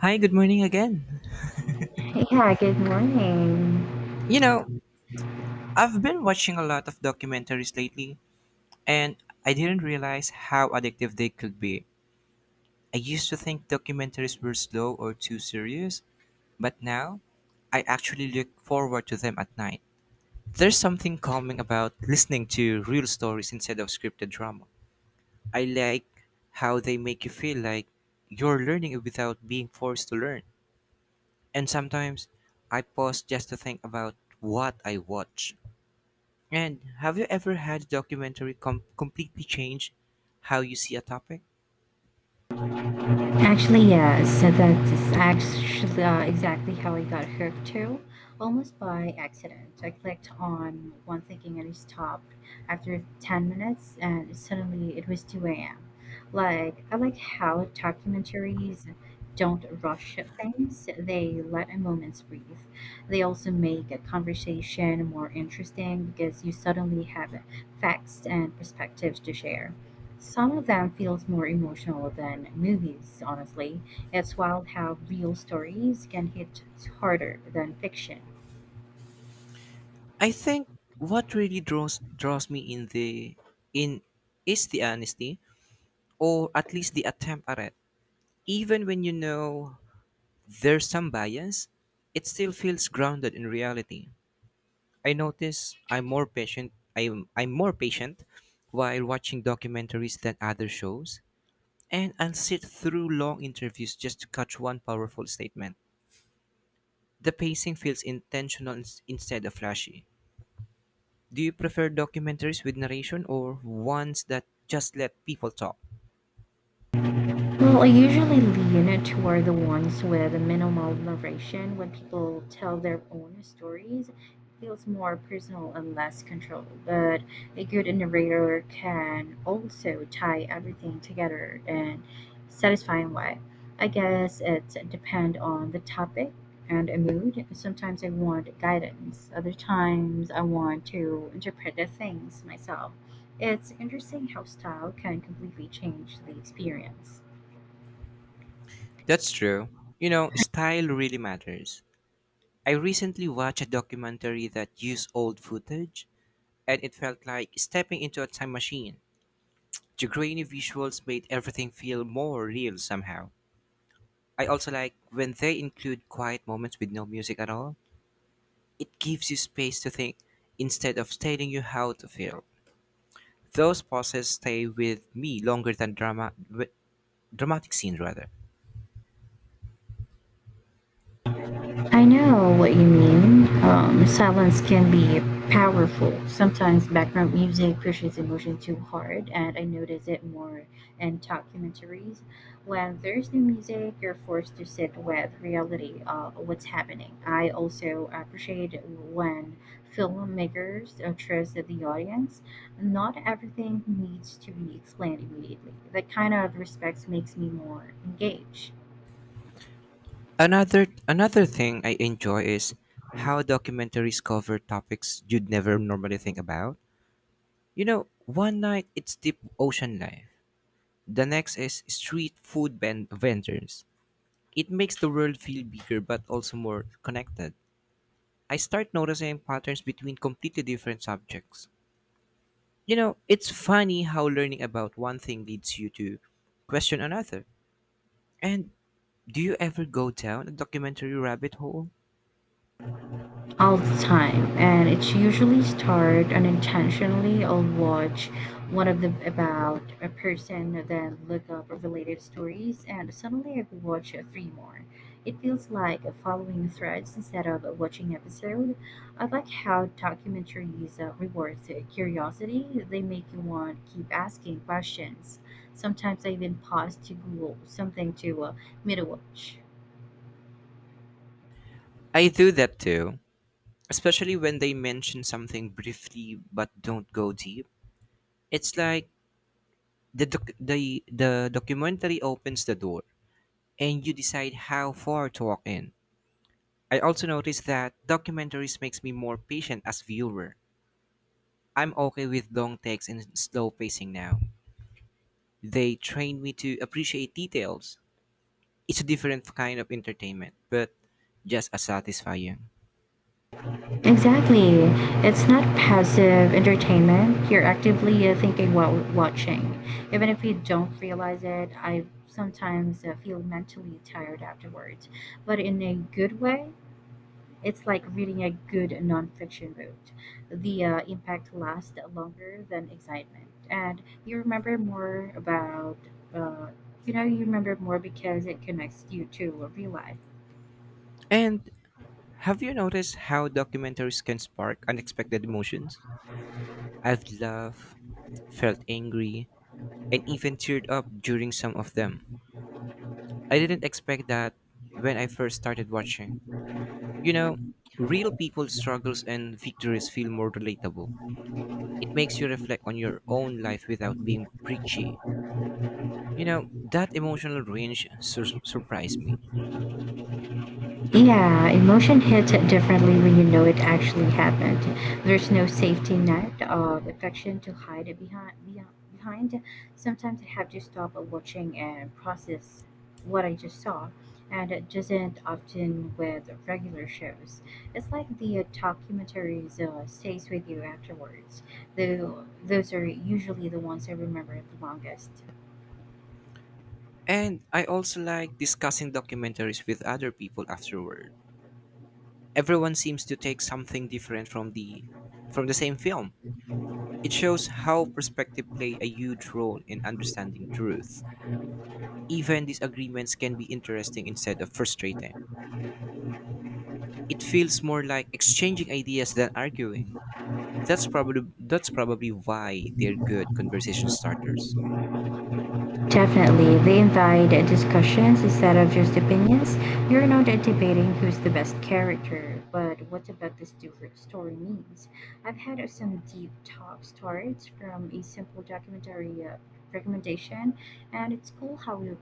Hi, good morning again. Hey, yeah, good morning. You know, I've been watching a lot of documentaries lately, and I didn't realize how addictive they could be. I used to think documentaries were slow or too serious, but now I actually look forward to them at night. There's something calming about listening to real stories instead of scripted drama. I like how they make you feel like you're learning without being forced to learn. And sometimes I pause just to think about what I watch. And have you ever had a completely change how you see a topic? Actually, yeah, so that's actually exactly how I got hooked too, almost by accident. I clicked on one thinking and it stopped after 10 minutes, and suddenly it was 2 a.m. Like, I like how documentaries don't rush things, they let moments breathe. They also make a conversation more interesting because you suddenly have facts and perspectives to share. Some of them feels more emotional than movies, honestly. It's wild how real stories can hit harder than fiction. I think what really draws me in is the honesty, or at least the attempt at it. Even when you know there's some bias, it still feels grounded in reality. I notice I'm more patient while watching documentaries than other shows, and I'll sit through long interviews just to catch one powerful statement. The pacing feels intentional instead of flashy. Do you prefer documentaries with narration or ones that just let people talk? Well, I usually lean toward the ones with minimal narration. When people tell their own stories, it feels more personal and less controlled. But a good narrator can also tie everything together in satisfying way. I guess it depends on the topic and a mood. Sometimes I want guidance. Other times I want to interpret the things myself. It's interesting how style can completely change the experience. That's true. You know, style really matters. I recently watched a documentary that used old footage, and it felt like stepping into a time machine. The grainy visuals made everything feel more real somehow. I also like when they include quiet moments with no music at all. It gives you space to think instead of telling you how to feel. Those pauses stay with me longer than dramatic scenes rather. I know what you mean. Silence can be powerful. Sometimes background music pushes emotion too hard, and I notice it more in documentaries. When there's no music, you're forced to sit with reality of what's happening. I also appreciate when filmmakers trust the audience. Not everything needs to be explained immediately. That kind of respect makes me more engaged. Another thing I enjoy is how documentaries cover topics you'd never normally think about. You know, one night it's deep ocean life. The next is street food vendors. It makes the world feel bigger but also more connected. I start noticing patterns between completely different subjects. You know, it's funny how learning about one thing leads you to question another. And Do you ever go down a documentary rabbit hole? All the time, and it's usually start unintentionally. I'll watch one of them about a person, then look up related stories, and suddenly I watch three more. It feels like following threads instead of watching episode. I like how documentaries rewards curiosity. They make you want to keep asking questions. Sometimes I even pause to google something to middle watch. I do that too, especially when they mention something briefly but don't go deep. It's like the documentary opens the door and you decide how far to walk in. I also notice that documentaries makes me more patient as viewer. I'm okay with long takes and slow pacing now. They train me to appreciate details. It's a different kind of entertainment, but just as satisfying. Exactly. It's not passive entertainment. You're actively thinking while watching. Even if you don't realize it, I sometimes feel mentally tired afterwards, but in a good way. It's like reading a good nonfiction book. The impact lasts longer than excitement, and you remember more uh, you remember more because it connects you to real life. And Have you noticed how documentaries can spark unexpected emotions? I've laughed, felt angry, and even teared up during some of them. I didn't expect that when I first started watching. You know, real people's struggles and victories feel more relatable. It makes you reflect on your own life without being preachy. You know, that emotional range surprised me. Yeah, emotion hits differently when you know it actually happened. There's no safety net of affection to hide it behind. Sometimes I have to stop watching and process what I just saw, and it doesn't often with regular shows. It's like the documentaries stays with you afterwards. Though those are usually the ones I remember the longest. And I also like discussing documentaries with other people afterward. Everyone seems to take something different from the same film. It shows how perspective play a huge role in understanding truth. Even disagreements can be interesting instead of frustrating. It feels more like exchanging ideas than arguing. That's probably why they're good conversation starters. Definitely. They invite discussions instead of just opinions. You're not debating who's the best character, but what about this different story means? I've had some deep talk stories from a simple documentary recommendation, and it's cool how your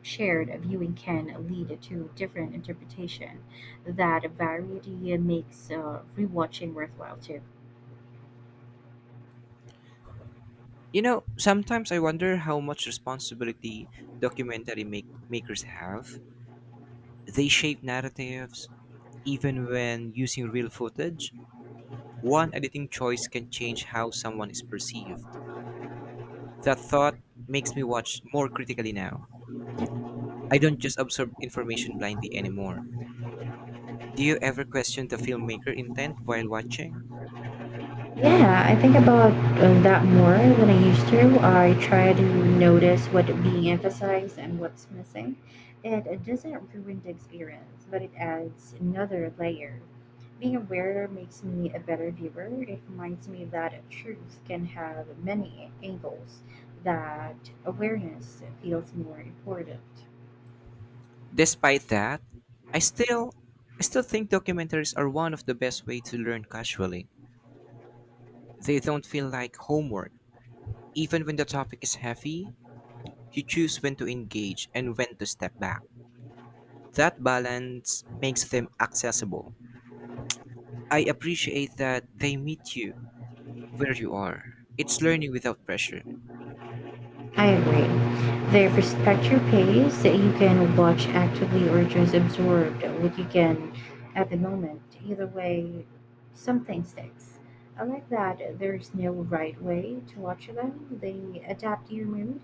shared viewing can lead to different interpretation. That variety makes rewatching worthwhile too. You know, sometimes I wonder how much responsibility makers have. They shape narratives even when using real footage. One editing choice can change how someone is perceived. That thought makes me watch more critically now. I don't just absorb information blindly anymore. Do you ever question the filmmaker intent while watching? Yeah, I think about that more than I used to. I try to notice what being emphasized and what's missing. It doesn't ruin the experience, but it adds another layer. Being aware makes me a better viewer. It reminds me that truth can have many angles, that awareness feels more important. Despite that, I still I still think documentaries are one of the best way to learn casually. They don't feel like homework. Even when the topic is heavy, you choose when to engage and when to step back. That balance makes them accessible. I appreciate that they meet you where you are. It's learning without pressure. I agree. They respect your pace. You can watch actively or just absorb what you can at the moment. Either way, something sticks. I like that there's no right way to watch them. They adapt to your mood,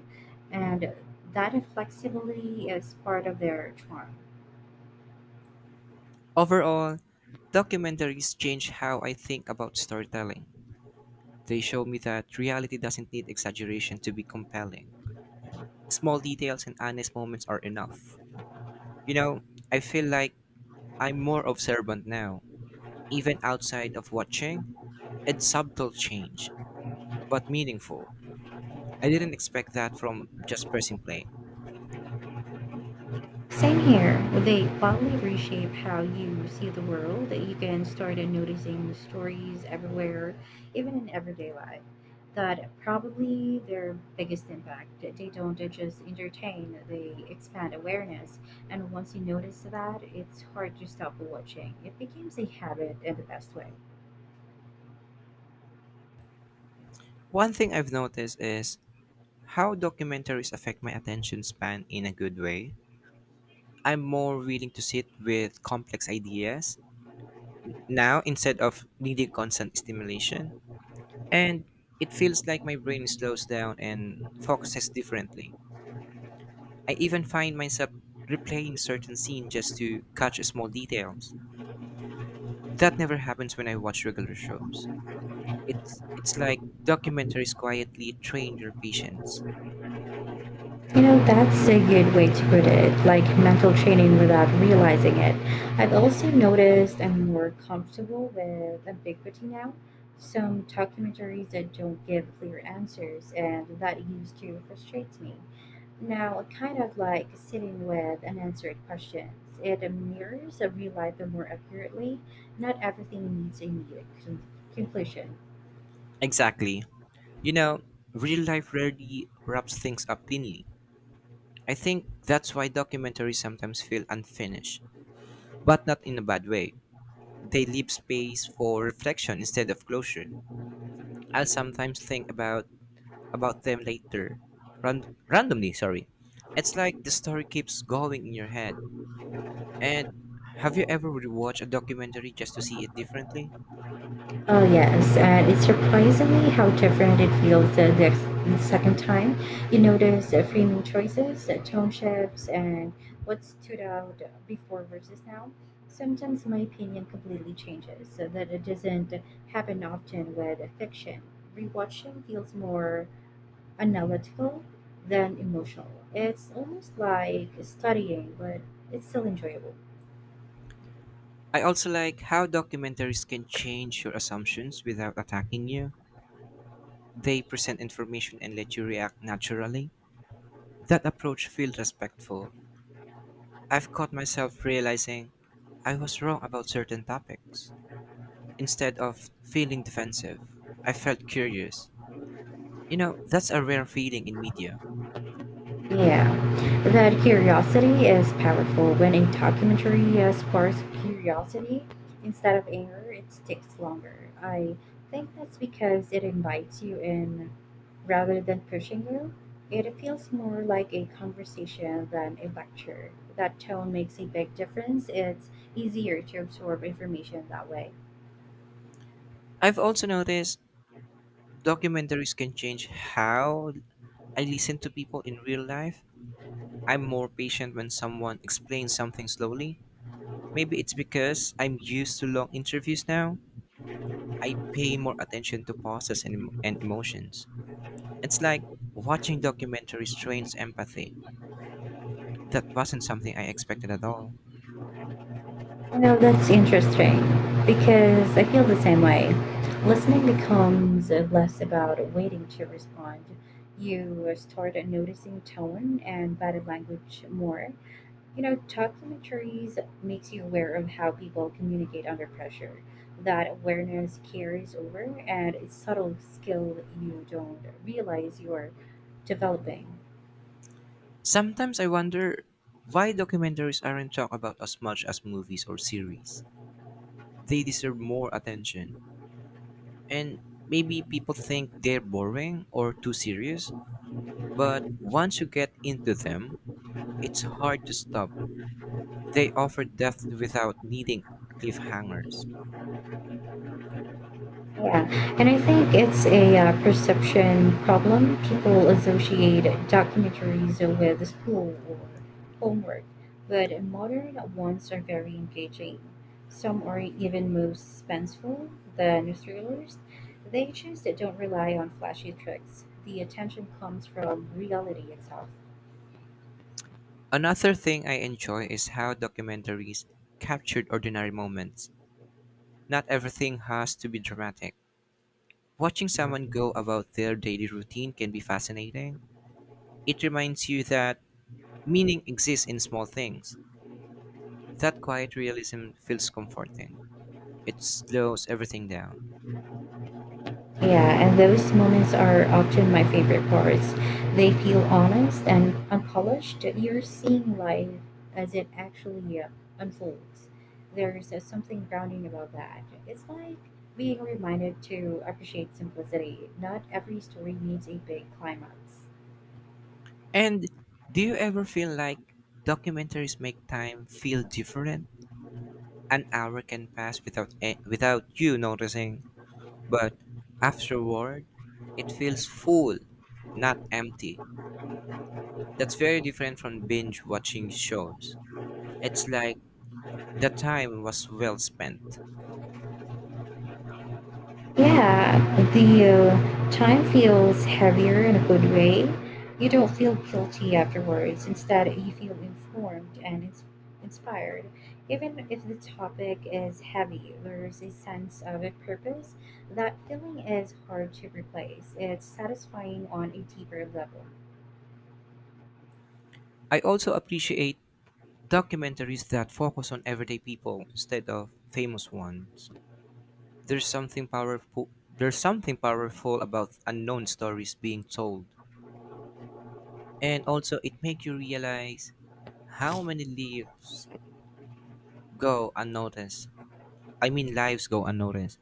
and that flexibility is part of their charm. Overall, documentaries change how I think about storytelling. They show me that reality doesn't need exaggeration to be compelling. Small details and honest moments are enough. You know, I feel like I'm more observant now, even outside of watching. It's subtle change, but meaningful. I didn't expect that from just pressing play. Same here. They bodily reshape how you see the world. You can start noticing stories everywhere, even in everyday life. That probably their biggest impact. They don't just entertain, they expand awareness. And once you notice that, it's hard to stop watching. It becomes a habit in the best way. One thing I've noticed is how documentaries affect my attention span in a good way. I'm more willing to sit with complex ideas now instead of needing constant stimulation. And it feels like my brain slows down and focuses differently. I even find myself replaying certain scenes just to catch small details. That never happens when I watch regular shows. It's like documentaries quietly train your patience. You know, that's a good way to put it, like mental training without realizing it. I've also noticed I'm more comfortable with ambiguity now. Some documentaries that don't give clear answers, and that used to frustrate me. Now, I kind of like sitting with unanswered questions, it mirrors a real life more accurately. Not everything needs a neat conclusion. Exactly. You know, real life rarely wraps things up cleanly. I think that's why documentaries sometimes feel unfinished, but not in a bad way. They leave space for reflection instead of closure. I'll sometimes think about them later, randomly. Sorry, it's like the story keeps going in your head. And have you ever rewatched a documentary just to see it differently? Oh yes, and it's surprisingly how different it feels the second time. You notice framing choices, tone shifts, and what stood out before versus now. Sometimes my opinion completely changes, so that it doesn't happen often with fiction. Rewatching feels more analytical than emotional. It's almost like studying, but it's still enjoyable. I also like how documentaries can change your assumptions without attacking you. They present information and let you react naturally. That approach feels respectful. I've caught myself realizing I was wrong about certain topics. Instead of feeling defensive, I felt curious. You know, that's a rare feeling in media. Yeah, that curiosity is powerful. When a documentary sparks curiosity instead of anger, it sticks longer. I think that's because it invites you in rather than pushing you. It feels more like a conversation than a lecture. That tone makes a big difference. It's easier to absorb information that way. I've also noticed documentaries can change how I listen to people in real life. I'm more patient when someone explains something slowly. Maybe it's because I'm used to long interviews now. I pay more attention to pauses and emotions. It's like watching documentaries trains empathy. That wasn't something I expected at all. You know that's interesting because I feel the same way. Listening becomes less about waiting to respond. You start noticing tone and body language more. You know, documentaries makes you aware of how people communicate under pressure. That awareness carries over, and it's subtle skill you don't realize you're developing. Sometimes I wonder why documentaries aren't talked about as much as movies or series. They deserve more attention, and maybe people think they're boring or too serious, but once you get into them, it's hard to stop. They offer depth without needing cliffhangers. Yeah, and I think it's a perception problem. People associate documentaries with school or homework, but modern ones are very engaging. Some are even more suspenseful than thrillers. They just don't rely on flashy tricks. The attention comes from reality itself. Another thing I enjoy is how documentaries captured ordinary moments. Not everything has to be dramatic. Watching someone go about their daily routine can be fascinating. It reminds you that meaning exists in small things. That quiet realism feels comforting. It slows everything down. Yeah, and those moments are often my favorite parts. They feel honest and unpolished. You're seeing life as it actually unfolds. There's something grounding about that. It's like being reminded to appreciate simplicity. Not every story needs a big climax. And do you ever feel like documentaries make time feel different? An hour can pass without without you noticing, but afterward, it feels full, not empty. That's very different from binge watching shows. It's like the time was well spent. Yeah, the time feels heavier in a good way. You don't feel guilty afterwards. Instead, you feel informed and inspired. Even if the topic is heavy, there's a sense of a purpose. That feeling is hard to replace. It's satisfying on a deeper level. I also appreciate documentaries that focus on everyday people instead of famous ones. There's something powerful there's something powerful about unknown stories being told. And also it makes you realize how many lives go unnoticed. I mean lives go unnoticed.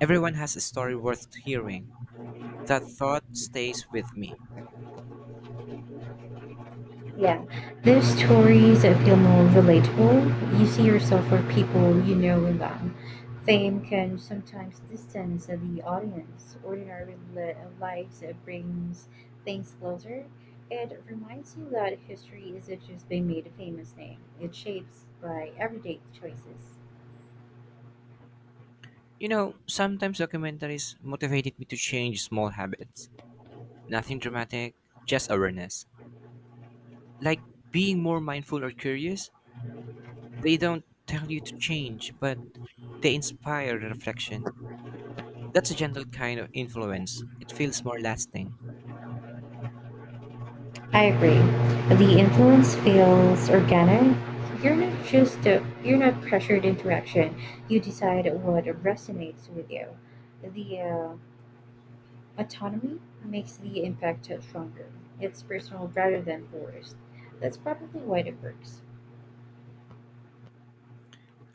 Everyone has a story worth hearing. That thought stays with me. Yeah, these stories I feel more relatable. You see yourself or people you know in them. Fame can sometimes distance the audience. Lives brings things closer. It reminds you that history isn't just being made a famous name. It's shaped by everyday choices. You know, sometimes documentaries motivated me to change small habits. Nothing dramatic, just awareness. Like being more mindful or curious. They don't tell you to change, but they inspire reflection. That's a gentle kind of influence. It feels more lasting. I agree. The influence feels organic. You're not pressured into action. You decide what resonates with you. The autonomy makes the impact stronger. It's personal rather than forced. That's probably why it works.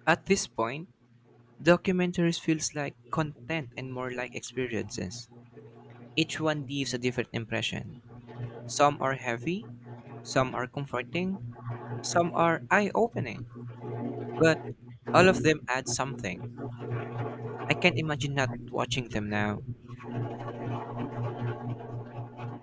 At this point, documentaries feels like content and more like experiences. Each one leaves a different impression. Some are heavy, some are comforting, some are eye-opening, but all of them add something. I can't imagine not watching them now.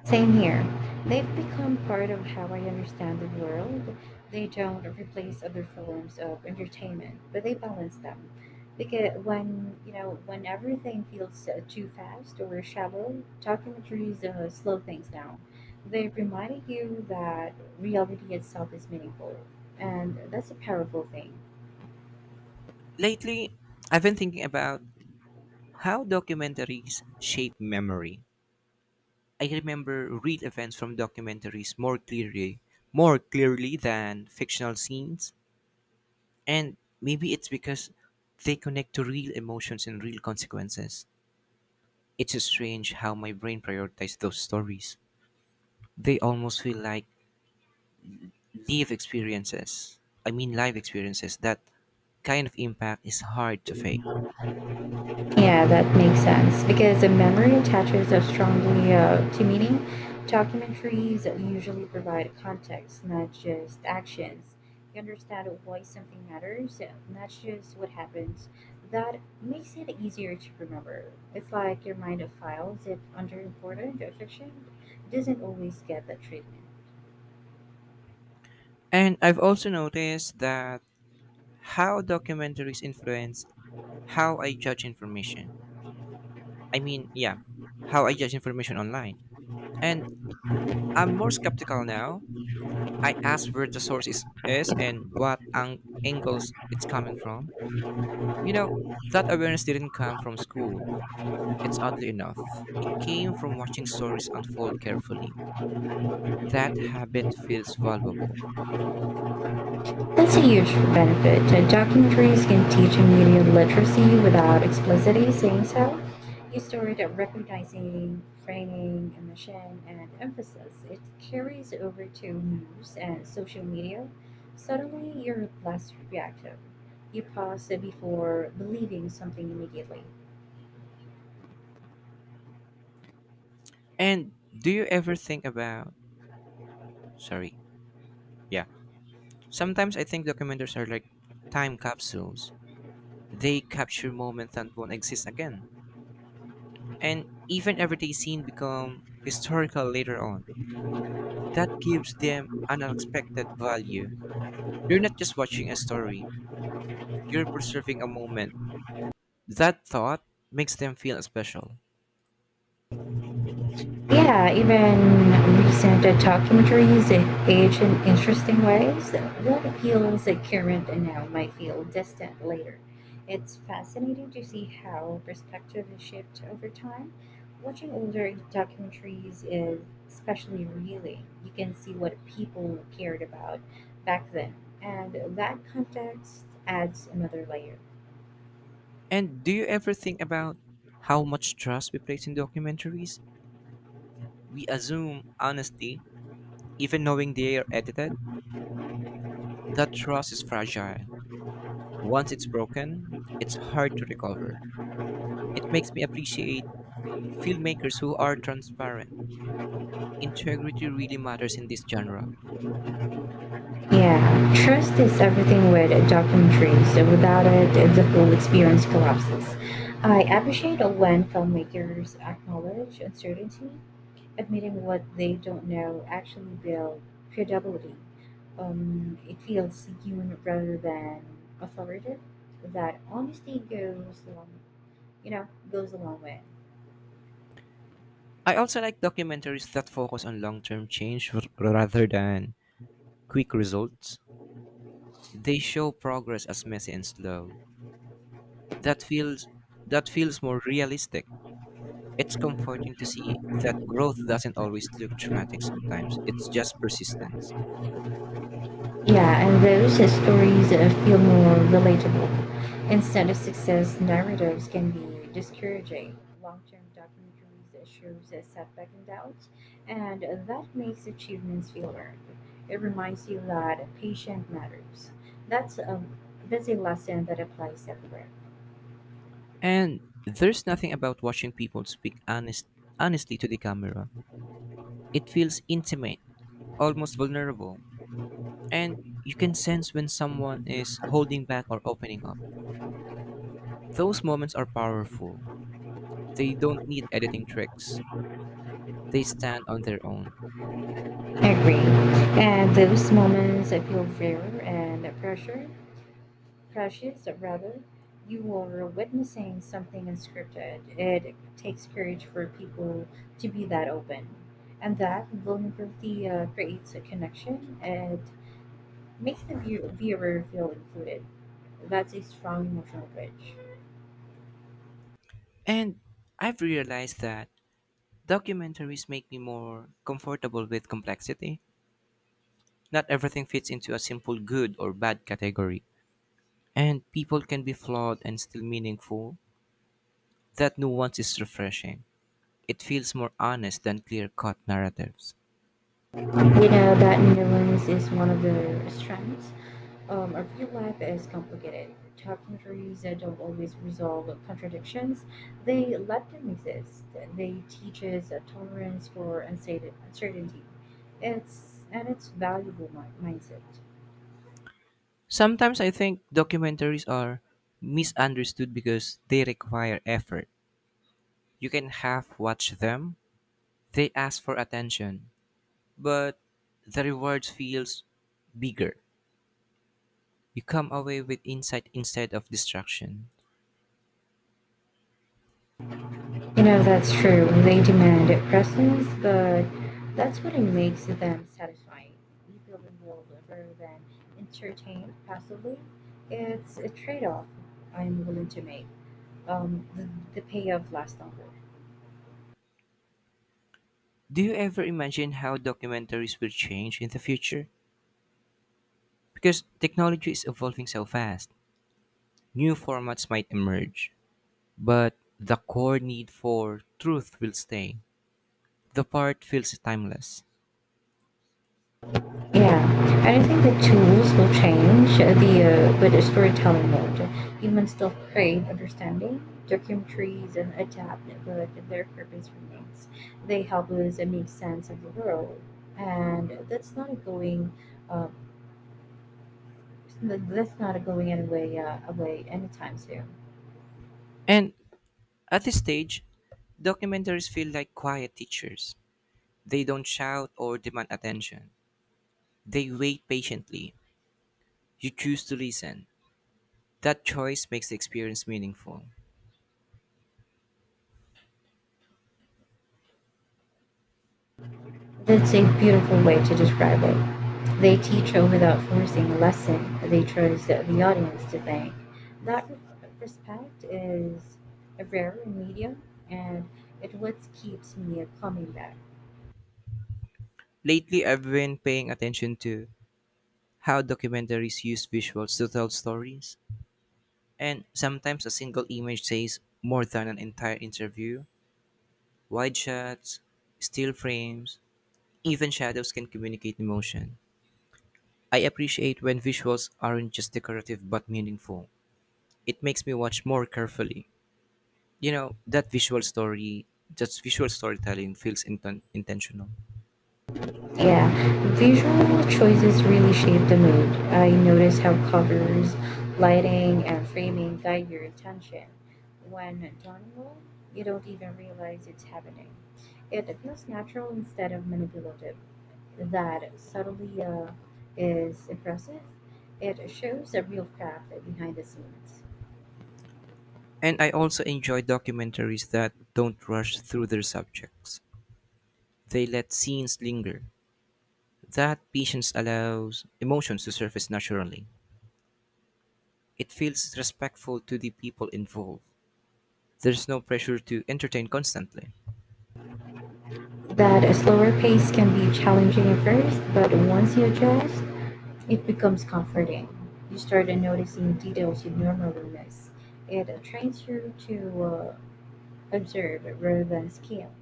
Same here. They've become part of how I understand the world. They don't replace other forms of entertainment, but they balance them. Because when you know when everything feels too fast or shallow, documentaries slow things down. They remind you that reality itself is meaningful, and that's a powerful thing. Lately, I've been thinking about how documentaries shape memory. I remember real events from documentaries more clearly than fictional scenes, and maybe it's because they connect to real emotions and real consequences. It's strange how my brain prioritizes those stories. They almost feel like live experiences. I mean, live experiences. That kind of impact is hard to fake. Yeah, that makes sense because the memory attaches so strongly to meaning. Documentaries usually provide context, not just actions. You understand why something matters, not just what happens. That makes it easier to remember. It's like your mind files if under important fiction doesn't always get that treatment. And I've also noticed that how documentaries influence how I judge information. I mean, yeah, how I judge information online. And I'm more skeptical now. I ask where the source is and what angles it's coming from. You know, that awareness didn't come from school. It's oddly enough. It came from watching stories unfold carefully. That habit feels valuable. That's a huge benefit. Documentaries can teach media literacy without explicitly saying so. You start recognizing framing, emotion, and emphasis. It carries over to news and social media. Suddenly, you're less reactive. You pause before believing something immediately. And do you ever think about. Sorry, yeah. Sometimes I think documentaries are like time capsules. They capture moments that won't exist again. And even everyday scene become historical later on. That gives them an unexpected value. You're not just watching a story, you're preserving a moment. That thought makes them feel special. Yeah, even recent documentaries age in interesting ways. What appeals at current and now might feel distant later. It's fascinating to see how perspective has shifted over time. Watching older documentaries is especially revealing. You can see what people cared about back then, and that context adds another layer. And do you ever think about how much trust we place in documentaries? We assume honesty, even knowing they are edited. That trust is fragile. Once it's broken, it's hard to recover. It makes me appreciate filmmakers who are transparent. Integrity really matters in this genre. Yeah, trust is everything with documentaries. Without it, the whole experience collapses. I appreciate when filmmakers acknowledge uncertainty, admitting what they don't know actually builds credibility. It feels human rather than authoritative. That honesty goes a long way. I also like documentaries that focus on long term change rather than quick results. They show progress as messy and slow. That feels that feels more realistic. It's comforting to see that growth doesn't always look dramatic sometimes. It's just persistence. Yeah, and those stories feel more relatable. Instead of success narratives can be discouraging. Long-term documentaries that shows setback and doubts, and that makes achievements feel earned. It reminds you that patience matters. That's a that's a lesson that applies everywhere. And there's nothing about watching people speak honestly to the camera. It feels intimate, almost vulnerable. And you can sense when someone is holding back or opening up. Those moments are powerful. They don't need editing tricks, they stand on their own. Agree. And those moments I feel rare and pressure precious rather. You are witnessing something unscripted. It takes courage for people to be that open, and that vulnerability creates a connection and makes the viewer feel included. That's a strong emotional bridge. And I've realized that documentaries make me more comfortable with complexity. Not everything fits into a simple good or bad category, and people can be flawed and still meaningful. That nuance is refreshing. It feels more honest than clear cut narratives. You know that nuance is one of the strengths. Our real life is complicated. Documentaries don't always resolve contradictions. They let them exist. They teach us a tolerance for uncertainty. It's valuable mindset. Sometimes I think documentaries are misunderstood because they require effort. You can half watch them, they ask for attention, but the rewards feels bigger. You come away with insight instead of distraction. You know that's true. They demand presence, but that's what it makes them satisfying. You feel involved rather than entertained passively. It's a trade-off I'm willing to make. Um, the, the payoff lasts longer. Do you ever imagine how documentaries will change in the future? Because technology is evolving so fast, new formats might emerge, but the core need for truth will stay. The part feels timeless. Yeah, I don't think the tools will change the with the storytelling mode. Humans still crave understanding, documentaries, and adapt, but their purpose remains. They help us make sense of the world, and Uh, that's not going away anytime soon. And at this stage, documentaries feel like quiet teachers. They don't shout or demand attention. They wait patiently. You choose to listen. That choice makes the experience meaningful. That's a beautiful way to describe it. They teach without forcing a lesson. They trust the audience to think. That respect is rare in media, and it what keeps me coming back. Lately, I've been paying attention to how documentaries use visuals to tell stories. And sometimes a single image says more than an entire interview. Wide shots, still frames, even shadows can communicate emotion. I appreciate when visuals aren't just decorative but meaningful. It makes me watch more carefully. You know, that visual storytelling feels intentional. Yeah, visual choices really shape the mood. I notice how covers, lighting, and framing guide your attention. When done well, you don't even realize it's happening. It feels natural instead of manipulative. That subtly is impressive. It shows the real craft behind the scenes. And I also enjoy documentaries that don't rush through their subjects. They let scenes linger. That patience allows emotions to surface naturally. It feels respectful to the people involved. There's no pressure to entertain constantly. That a slower pace can be challenging at first, but once you adjust, it becomes comforting. You start noticing details you normally miss. It trains you to observe rather than scale.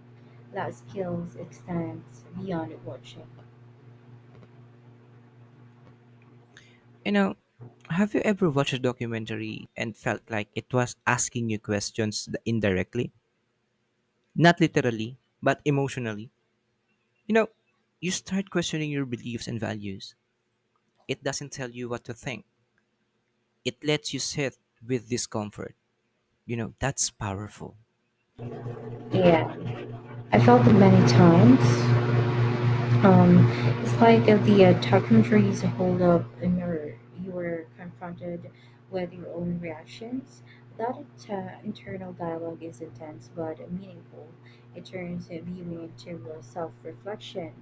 That skills extends beyond watching. You know, have you ever watched a documentary and felt like it was asking you questions indirectly? Not literally, but emotionally. You know, you start questioning your beliefs and values. It doesn't tell you what to think, it lets you sit with discomfort. You know, that's powerful. And I felt it many times. Um, it's like the documentaries hold up and you were confronted with your own reactions. That internal dialogue is intense but meaningful. It turns viewing into self-reflection.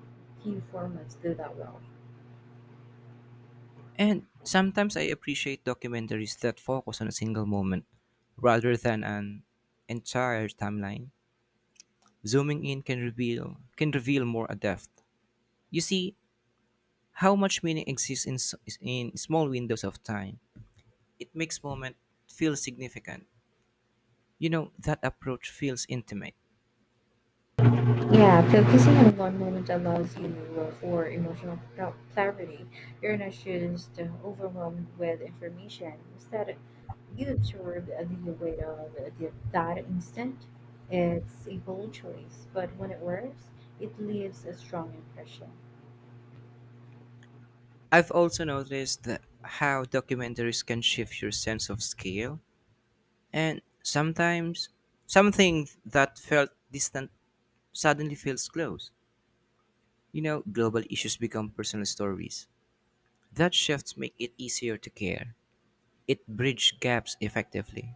Few formats do that well. And sometimes I appreciate documentaries that focus on a single moment rather than an entire timeline. Zooming in can reveal more a depth. You see how much meaning exists in small windows of time. It makes moment feel significant. You know, that approach feels intimate. Yeah, focusing on one moment allows you for emotional clarity. You're not just overwhelmed with information. Instead, you absorb the weight of that instant. It's a bold choice, but when it works, it leaves a strong impression. I've also noticed that how documentaries can shift your sense of scale. And sometimes something that felt distant suddenly feels close. You know, global issues become personal stories. That shifts make it easier to care. It bridges gaps effectively.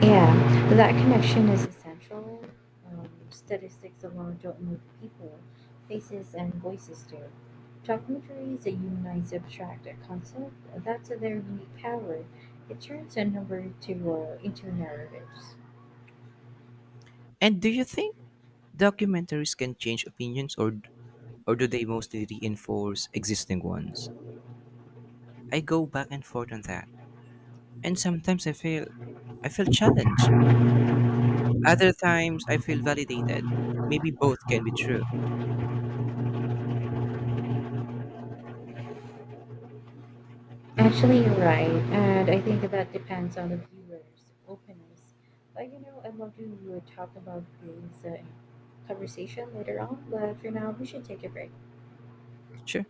Yeah, that connection is essential. Statistics alone don't move people, faces and voices do. Documentaries that humanize abstract concept, that's their unique power. It turns a number to into narratives. And do you think documentaries can change opinions or do they mostly reinforce existing ones? I go back and forth on that. And sometimes I feel challenged. Other times I feel validated. Maybe both can be true. Actually, you're right, and I think that depends on the viewer's openness. But you know, I'd love to talk about this conversation later on, but for now, we should take a break. Sure.